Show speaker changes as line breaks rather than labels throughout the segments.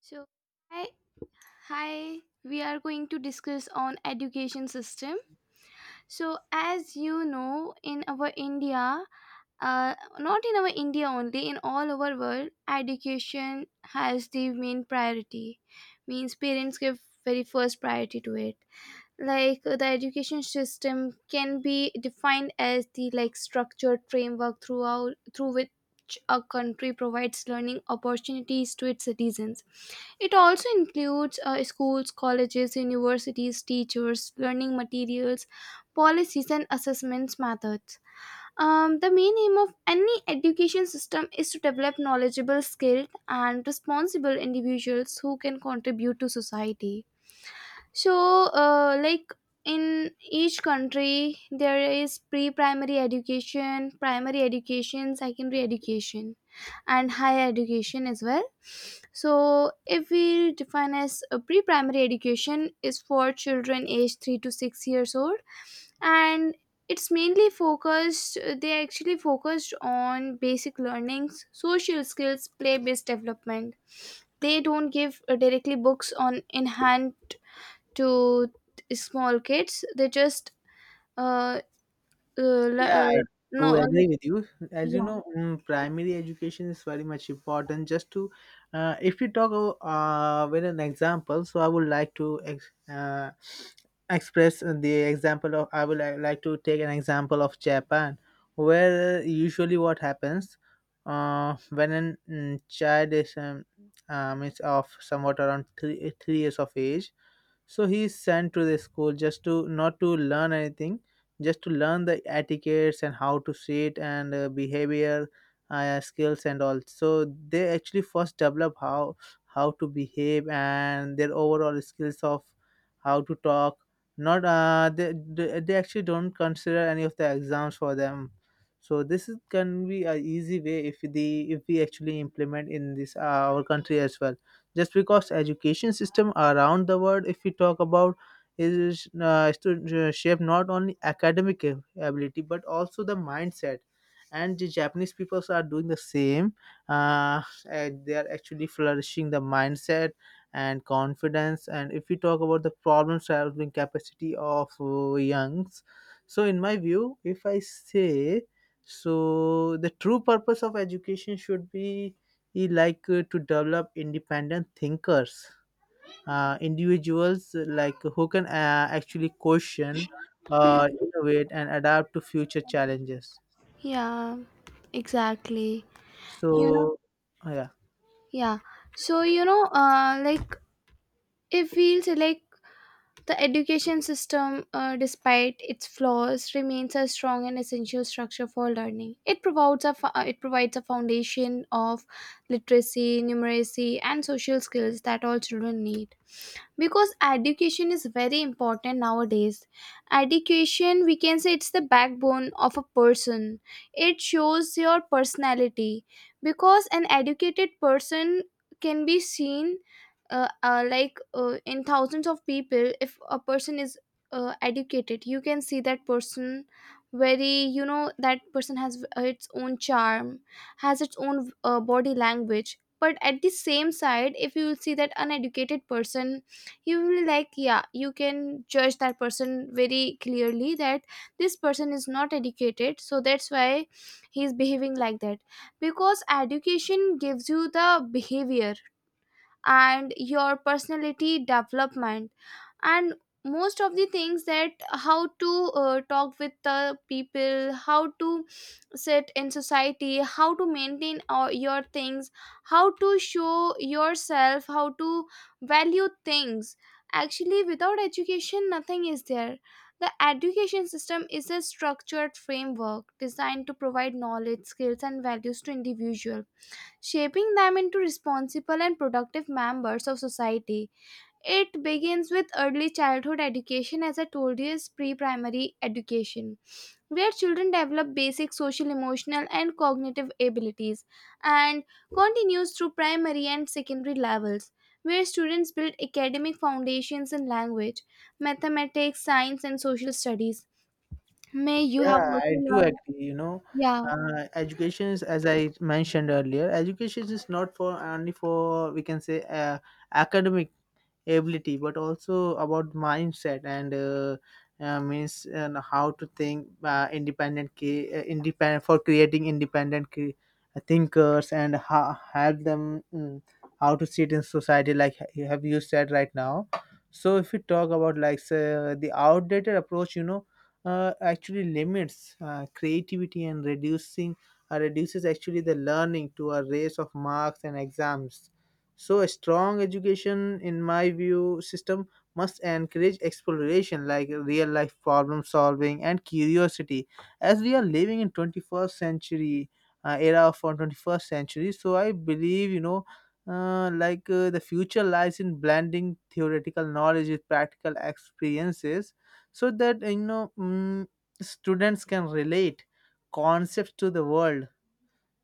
So, hi, hi. We are going to discuss on education system. So, as you know, in our India, not in our India only, in all over world, education has the main priority. Means parents give very first priority to it. The education system can be defined as the like structured framework through which a country provides learning opportunities to its citizens. It also includes schools, colleges, universities, teachers, learning materials, policies, and assessments methods. The main aim of any education system is to develop knowledgeable, skilled, and responsible individuals who can contribute to society. So, uh, like in each country, there is pre primary education, secondary education, and higher education as well. So if we define as a pre-primary education, is for children aged 3 to 6 years old, and it's mainly focused, they actually focused on basic learnings, social skills, play-based development. They don't give directly books on in hand to small kids. They just uh, le-
Yeah, I
no
do agree with you. As you
yeah.
know, primary education is very much important. If you talk with an example, so I would like to express the example of, I would li- like to take an example of Japan, where usually what happens when a child is of somewhat around three years of age, so he is sent to the school just to not to learn anything, just to learn the etiquettes and how to sit and behavior skills and all. So they actually first develop how to behave and their overall skills of how to talk. Not, they actually don't consider any of the exams for them. So this is, can be a easy way if the if we actually implement in this our country as well, just because education system around the world, if we talk about, is to shape not only academic ability but also the mindset, and the Japanese people are doing the same, uh, and they are actually flourishing the mindset and confidence. And if we talk about the problem solving capacity of youngs, so in my view, if I say, so the true purpose of education should be, he like, to develop independent thinkers, individuals, like, who can actually question,
Mhm.
innovate and adapt to future challenges.
Yeah, exactly, you know.
So yeah,
Yeah. So, you know, like it feels like the education system, despite its flaws, remains a strong and essential structure for learning. It provides a foundation of literacy, numeracy, and social skills that all children need, because education is very important nowadays. Education, we can say, it's the backbone of a person. It shows your personality, because an educated person can be seen, in thousands of people. If a person is educated, you can see that person very, you know, that person has its own charm, has its own body language. But at the same side, if you will see that uneducated person, you will like, yeah, you can judge that person very clearly that this person is not educated, so that's why he is behaving like that. Because education gives you the behavior and your personality development, and most of the things, that how to talk with the people, how to sit in society, how to maintain all your things, how to show yourself, how to value things. Actually, without education nothing is there. The education system is a structured framework designed to provide knowledge, skills, and values to individual, shaping them into responsible and productive members of society. It begins with early childhood education, as I told you, is pre primary education, where children develop basic social, emotional, and cognitive abilities, and continues through primary and secondary levels, where students build academic foundations in language, mathematics, science, and social studies. May you have
yeah,
also
I do
learned,
agree.
yeah.
Education is, as I mentioned earlier, education is not for only for, we can say, academic ability, but also about mindset and means, and how to think, independent, independent for creating independent thinkers, and how help them, how to sit in society, like you said right now. So if we talk about, like, say, the outdated approach, actually limits creativity, and reducing reduces actually the learning to a race of marks and exams. So a strong education, in my view, system must encourage exploration, like real life problem solving and curiosity. As we are living in 21st century, era of our 21st century, so I believe, like, the future lies in blending theoretical knowledge with practical experiences, so that, students can relate concepts to the world.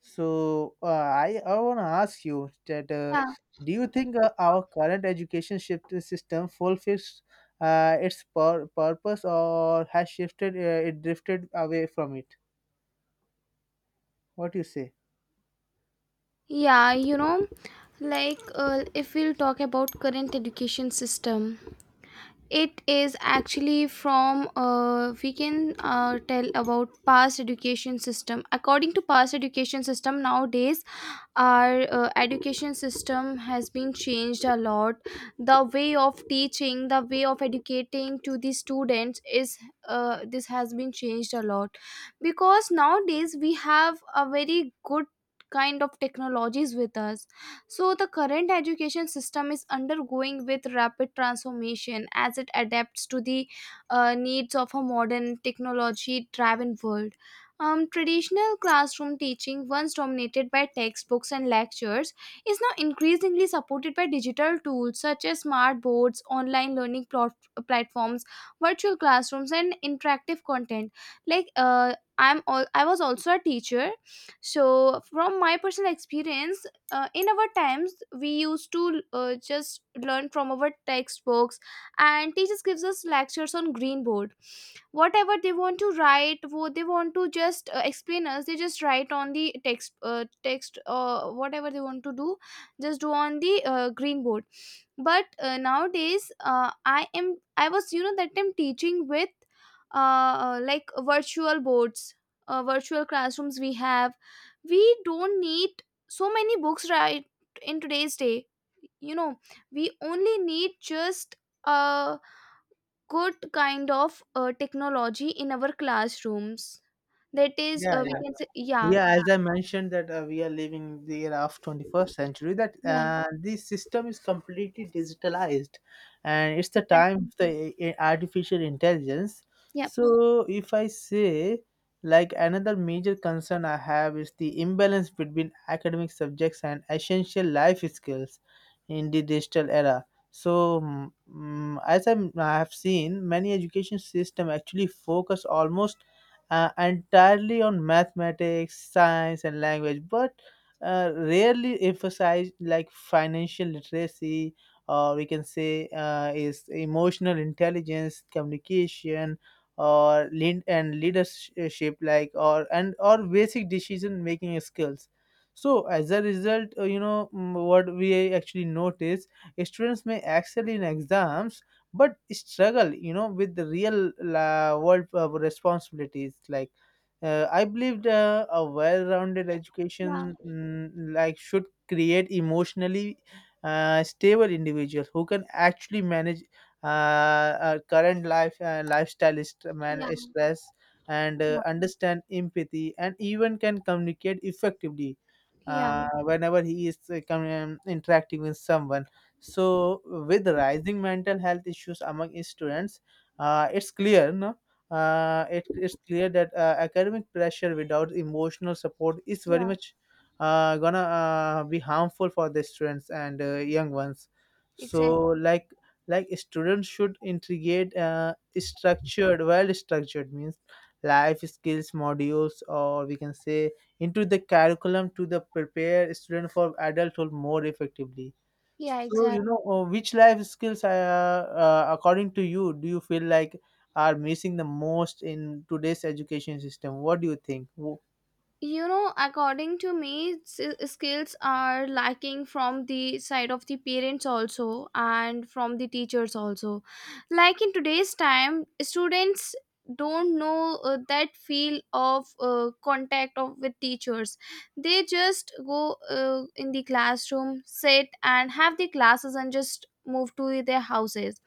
So I want to ask you that,
Yeah,
do you think our current education shift system fulfills its purpose, or has shifted it drifted away from it? What do you say?
yeah, you know, if we'll talk about current education system, it is actually from, we can tell about past education system. According to past education system, nowadays our education system has been changed a lot. The way of teaching, the way of educating to the students, is, this has been changed a lot. Because nowadays we have a very good kind of technologies with us. So the current education system is undergoing with rapid transformation as it adapts to the needs of a modern technology driven world. Traditional classroom teaching, once dominated by textbooks and lectures, is now increasingly supported by digital tools such as smart boards, online learning platforms, virtual classrooms, and interactive content. Like, I was also a teacher, so from my personal experience, in our times we used to just learn from our textbooks, and teachers gives us lectures on green board. Whatever they want to write, what they want to just explain us, they just write on the text text whatever they want to do, just do on the green board. But nowadays I was, you know, that time teaching with like virtual boards, virtual classrooms we have. We don't need so many books, right, in today's day, you know. We only need just a good kind of technology in our classrooms. That is,
Yeah,
we can say, yeah,
yeah, as I mentioned that we are living the era of 21st century, that
yeah,
this system is completely digitalized, and it's the time
exactly.
of the artificial intelligence.
Yep.
So if I say, like, another major concern I have is the imbalance between academic subjects and essential life skills in the digital era. So as I have seen, many education system actually focus almost entirely on mathematics, science, and language, but rarely emphasize, like, financial literacy, or we can say, is emotional intelligence, communication, or lead and leadership, like, or and or basic decision making skills. So as a result, what we actually notice, students may excel in exams but struggle with the real world responsibilities, like, I believed a well-rounded
Yeah,
education, like, should create emotionally stable individuals who can actually manage, uh, current life lifestyle
yeah,
stress, and
yeah,
understand empathy and even can communicate effectively
yeah,
whenever he is, interacting with someone. So, with rising mental health issues among students, it's clear, no? It's clear that academic pressure without emotional support is very
yeah,
much gonna be harmful for the students and young ones. So,
exactly.
like students should integrate structured, well structured means, life skills modules, or we can say, into the curriculum to the prepare student for adulthood more effectively.
Yeah,
So,
exactly.
which life skills, according to you, do you feel like are missing the most in today's education system? What do you think?
You know, according to me, skills are lacking from the side of the parents also and from the teachers also. Like in today's time, students don't know that feel of contact of with teachers. They just go in the classroom, sit and have the classes and just move to their houses.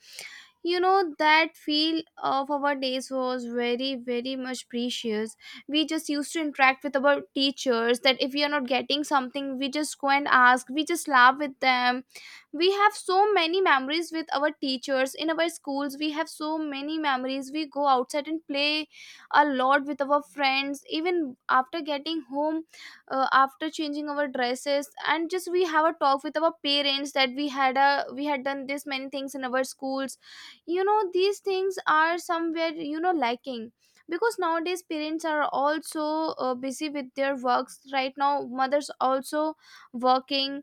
You know, that feel of our days was very very much precious. We just used to interact with our teachers, that if we are not getting something, we just go and ask, we just laugh with them. We have so many memories with our teachers in our schools. We have so many memories, we go outside and play a lot with our friends. Even after getting home, after changing our dresses, and just we have a talk with our parents, that we had a, we had done this many things in our schools. You know, these things are somewhere, you know, lacking, because nowadays parents are also busy with their works. Right now mothers also working.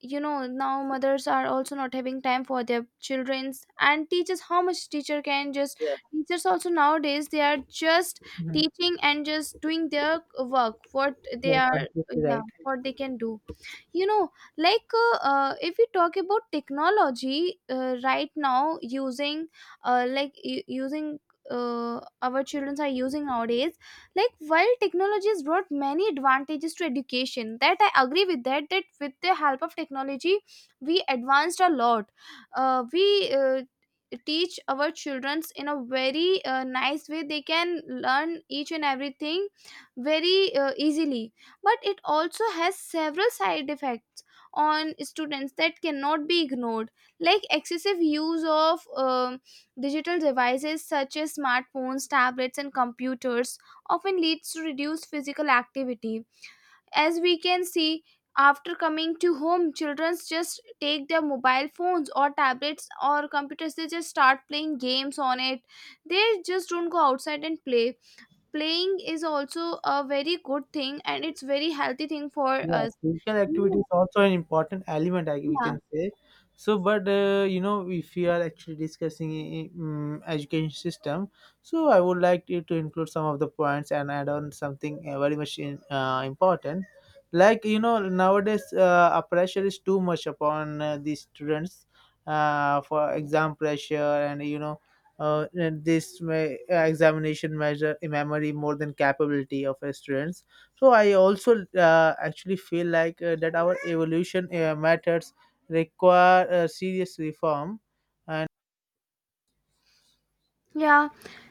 You know, now mothers are also not having time for their children's, and teachers, how much teacher can just,
Yeah.
teachers also nowadays, they are just
Mhm.
teaching and just doing their work, what they
Yeah,
are,
completely
yeah,
right.
what they can do, you know. If we talk about technology right now using like u- using our children are using nowadays, like, while technology has brought many advantages to education, that I agree with that, that with the help of technology we advanced a lot. We Teach our childrens in a very nice way, they can learn each and everything very easily, but it also has several side effects on students that cannot be ignored. Like excessive use of digital devices such as smartphones, tablets, and computers often leads to reduced physical activity. As we can see, after coming to home, children just take their mobile phones or tablets or computers, they just start playing games on it. They just don't go outside and play. Playing is also a very good thing, and it's very healthy thing for
Yeah,
us.
physical
Yeah.
activity is also an important element, we
Yeah.
can say. So, but if we are actually discussing education system, so I would like you to include some of the points and add on something very much important. Like, nowadays a pressure is too much upon the students for exam pressure and you know. And examination measure memory more than capability of a students. So I also actually feel like that our evolution matters require serious reform.
Yeah.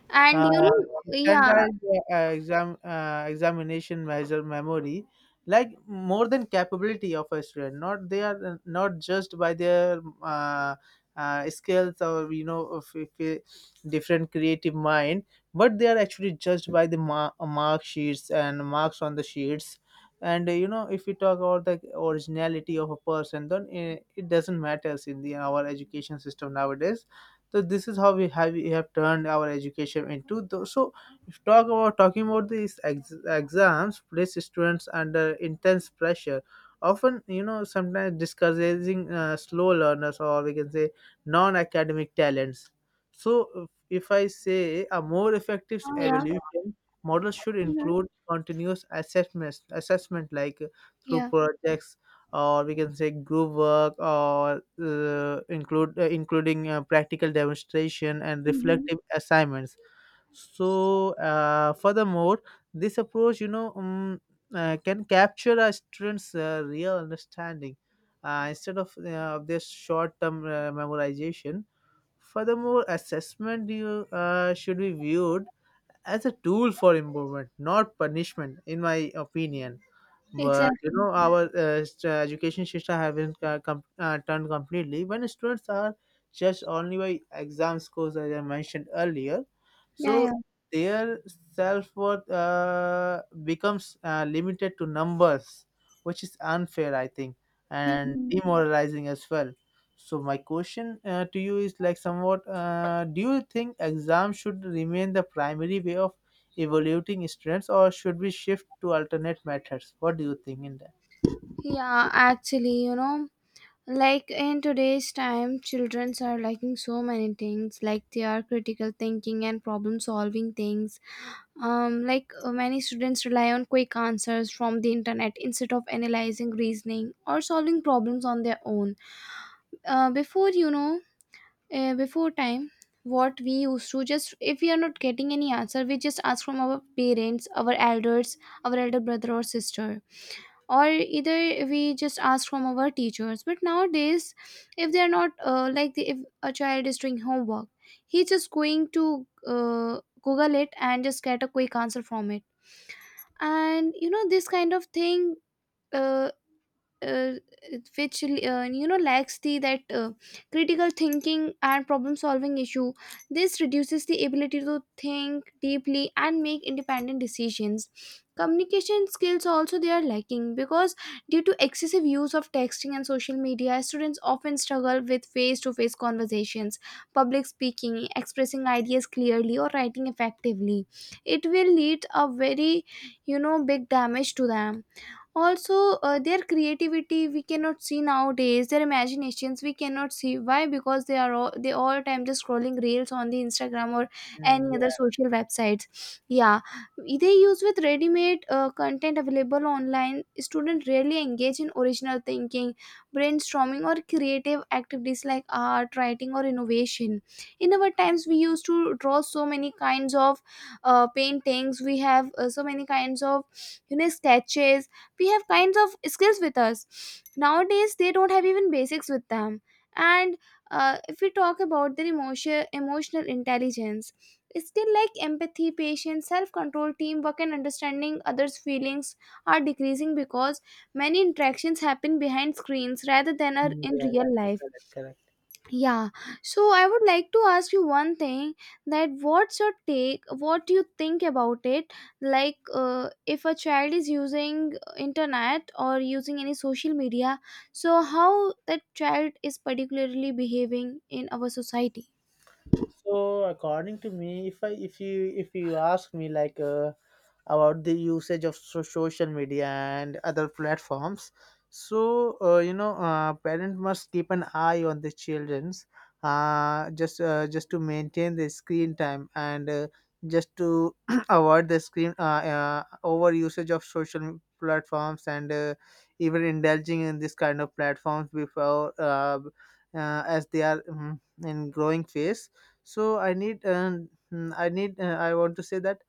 And you
Uh,
know, yeah.
Standardized examination measure memory, like, more than capability of a student. Not they are, not judged by their skills, or, of, if a different creative mind, but they are actually judged by the mark sheets and marks on the sheets. And if we talk about the originality of a person, then it doesn't matters in the our education system nowadays. So this is how we have turned our education into. So if talking about these exams, place students under intense pressure. Often, sometimes discouraging slow learners, or we can say, non-academic talents. So if I say a more effective
Oh, yeah.
evolution model should
Mhm.
include continuous assessment, like, through
Yeah.
projects, or we can say, group work, or include including practical demonstration and
Mhm.
reflective assignments. So furthermore, this approach, can capture a student's real understanding instead of this short-term memorization. Furthermore, assessment you should be viewed as a tool for improvement, not punishment, in my opinion. But,
Exactly.
our education system have been turned completely when students are judged only by exam scores, as I mentioned earlier.
Yeah, yeah.
So their self worth becomes limited to numbers, which is unfair, I think, and
Mhm.
demoralizing as well. So my question to you is like somewhat: do you think exams should remain the primary way of evaluating students, or should we shift to alternate methods? What do you think in that?
Yeah, actually, you know, like in today's time, children are liking so many things, like they are critical thinking and problem solving things. Um, many students rely on quick answers from the internet instead of analyzing, reasoning, or solving problems on their own. Before you know Before time, what we used to, just, if we are not getting any answer, we just ask from our parents, our elders, our elder brother or sister, or either we just ask from our teachers. But nowadays, if they are not if a child is doing homework, he's just going to google it and just get a quick answer from it. And you know, this kind of thing, uh, uh, which, you know, lacks the that critical thinking and problem solving issue. This reduces the ability to think deeply and make independent decisions. Communication skills also, they are lacking, because due to excessive use of texting and social media, students often struggle with face to face conversations, public speaking, expressing ideas clearly, or writing effectively. It will lead a very, you know, big damage to them. Also, their creativity we cannot see nowadays, their imaginations we cannot see. Why? Because they are all, they all time just scrolling reels on the Instagram or
Mm,
any other social websites, yeah. They use with ready-made content available online. Students rarely engage in original thinking, brainstorming, or creative activities like art, writing, or innovation. In our times we used to draw so many kinds of paintings. We have so many kinds of, you know, sketches. We have kinds of skills with us. Nowadays they don't have even basics with them. And if we talk about their emotional intelligence skill, like empathy, patience, self-control, teamwork, and understanding others feelings, are decreasing, because many interactions happen behind screens rather than
yeah,
are
Mm,
in
yeah,
real life.
correct, correct.
Yeah, so I would like to ask you one thing, that what's your take, what do you think about it? Like, if a child is using internet or using any social media, so how that child is particularly behaving in our society?
So, according to me, if I if you ask me, like, about the usage of social media and other platforms, so parents must keep an eye on the children's, just to maintain the screen time and just to avoid the screen over usage of social platforms, and even indulging in this kind of platforms before, as they are, in growing phase. So I need mm, I need I want to say that,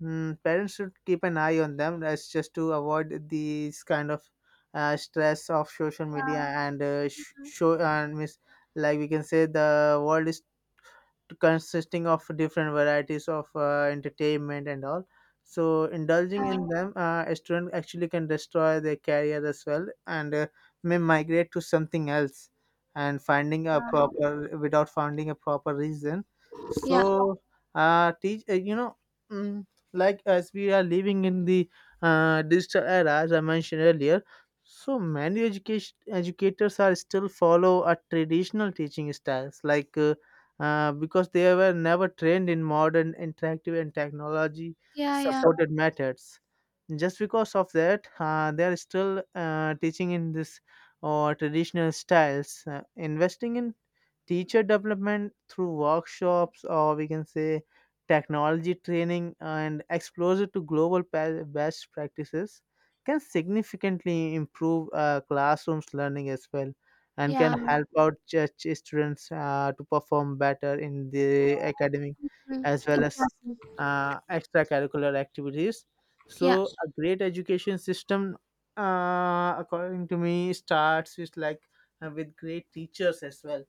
Parents should keep an eye on them, that's just to avoid these kind of stress of social media,
Yeah,
and show and miss, like, we can say the world is consisting of different varieties of entertainment and all. So indulging
uh,
in them, a student actually can destroy their career as well, and may migrate to something else, and finding a proper without finding a proper reason.
yeah,
So teach you know mm, like, as we are living in the digital era, as I mentioned earlier. So many education educators are still follow a traditional teaching styles, like, because they were never trained in modern interactive and technology
yeah, yeah,
supported methods, just because of that they are still teaching in this or traditional styles. Investing in teacher development through workshops, or we can say, technology training and exposure to global best practices, can significantly improve classrooms learning as well, and can
yeah,
help out students to perform better in the academic
mm,
as well as
exactly,
extracurricular activities.
yeah,
So a great education system, according to me, starts with, like, with great teachers as well,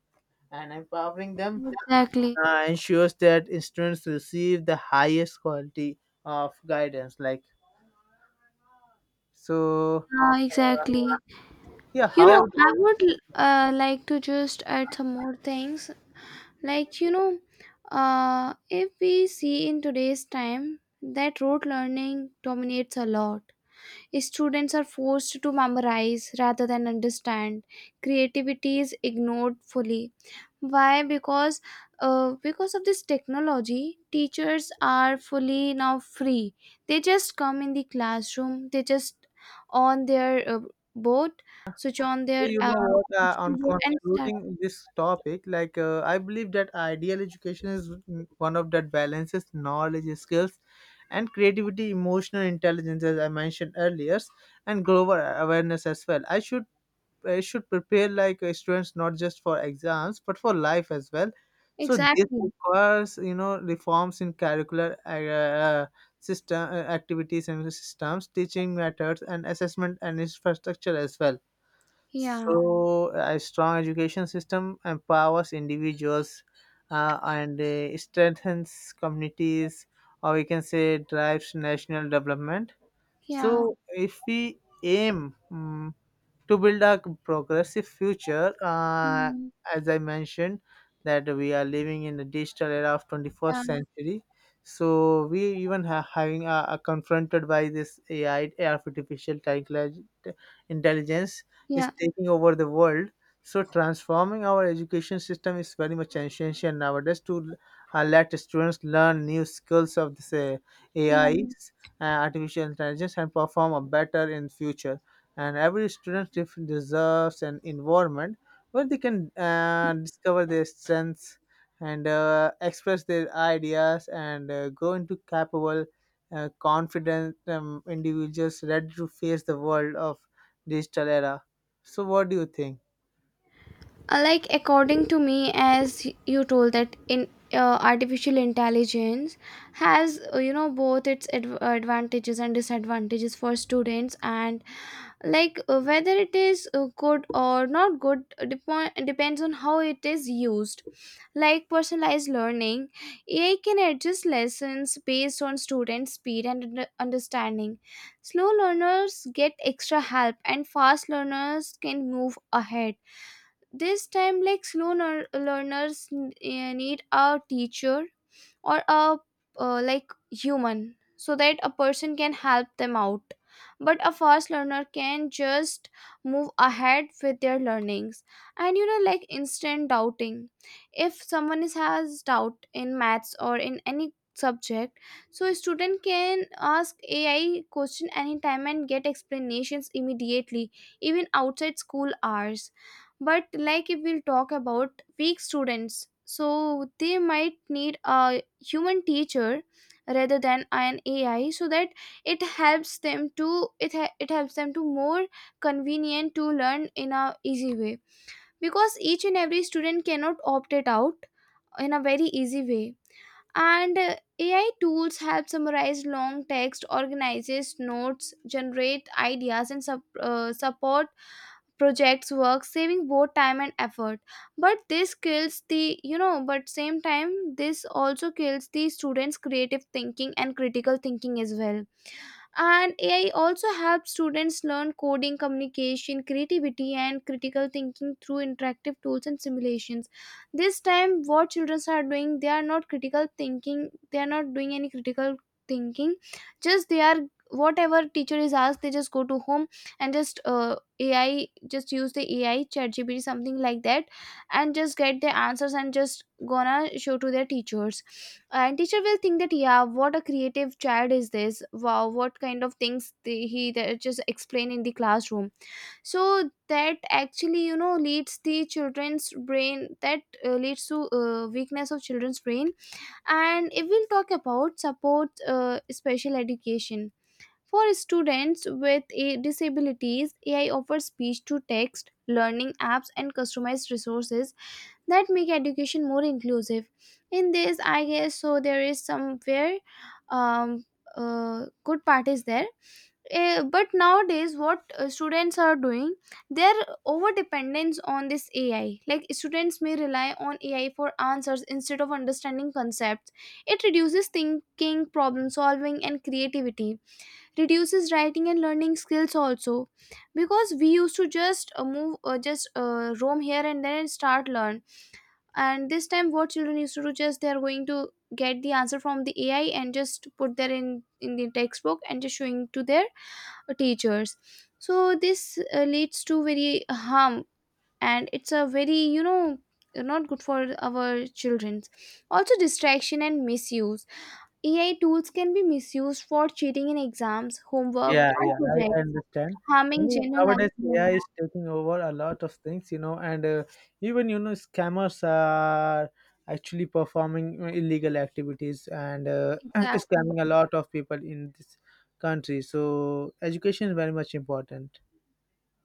and empowering them
exactly.
ensures that students receive the highest quality of guidance, like. So,
Yeah,
uh,
exactly.
yeah,
You know,
how?
I would like to just add some more things. Like, you know, if we see in today's time that rote learning dominates a lot, students are forced to memorize rather than understand. Creativity is ignored fully. Why? Because of this technology, teachers are fully now free. They just come in the classroom. They just on their uh, board, switch on
So,
their
you know what?
digital
On
board and start.
concluding this topic, like, I believe that ideal education is one of that balances knowledge, skills, and creativity, emotional intelligence, as I mentioned earlier, and global awareness as well. I should prepare, like, students not just for exams but for life as well. So this
Exactly.
requires reforms in curricular system activities and systems, teaching methods, and assessment and infrastructure as well.
Yeah.
So, a strong education system empowers individuals, and strengthens communities, or we can say drives national development.
Yeah.
So, if we aim, to build a progressive future,
Mm,
as I mentioned that we are living in the digital era of
yeah,
21st century, so we even ha- having are confronted by this AI, artificial intelligence, is
yeah,
taking over the world. So transforming our education system is very much essential nowadays to let students learn new skills of this
yeah.
AIs, artificial intelligence, and perform a better in future. And every student deserves an environment where they can discover their strengths, and express their ideas, and grow into capable, confident, individuals ready to face the world of digital era. So what do you think?
Like, according to me, as you told that in artificial intelligence has both its advantages and disadvantages for students. And like, whether it is good or not good, depends on how it is used. Like, personalized learning: AI can adjust lessons based on student speed and understanding. Slow learners get extra help and fast learners can move ahead. This time, like, slow learners need a teacher or a like, human, so that a person can help them out. But a fast learner can just move ahead with their learnings. And, like, instant doubting, if someone has doubt in maths or in any subject. So a student can ask AI question anytime and get explanations immediately, even outside school hours. But, like, if we'll talk about weak students, so they might need a human teacher rather than an AI, so that it helps them to it helps them to more convenient to learn in a easy way. Because each and every student cannot opt it out in a very easy way. And AI tools help summarize long text, organizes notes, generate ideas and support projects work, saving both time and effort. But this kills the you know but same time this also kills the students creative thinking and critical thinking as well. And AI also helps students learn coding, communication, creativity and critical thinking through interactive tools and simulations. This time, what children are doing, they are not critical thinking, they are not doing any critical thinking. Just they are Whatever teacher is asked, they just go to home. And just, AI, just use the AI ChatGPT, something like that. And just get the answers and just gonna show to their teachers. And teacher will think that, yeah, what a creative child is this, wow, what kind of things he that just explain in the classroom. So that actually, leads the children's brain that leads to weakness of children's brain. And if we'll talk about support, special education for students with a disabilities, AI offers speech to text learning apps and customized resources that make education more inclusive. In this I guess so, there is somewhere um good part is there. But nowadays what students are doing, their over dependence on this AI, like students may rely on AI for answers instead of understanding concepts. It reduces thinking, problem solving and creativity. Reduces writing and learning skills also. Because we used to just move just roam here and then and start learn. And this time what children used to do, just they are going to get the answer from the AI and just put there in the textbook and just showing to their teachers. So this leads to very harm. And it's a very, not good for our children. Also, distraction and misuse. AI tools can be misused for cheating in exams, homework
Yeah,
and
yeah, I
projects,
understand.
harming general
Nowadays
life.
AI is taking over a lot of things, and even scammers are actually performing illegal activities, and
Exactly.
scamming a lot of people in this country. So education is very much important.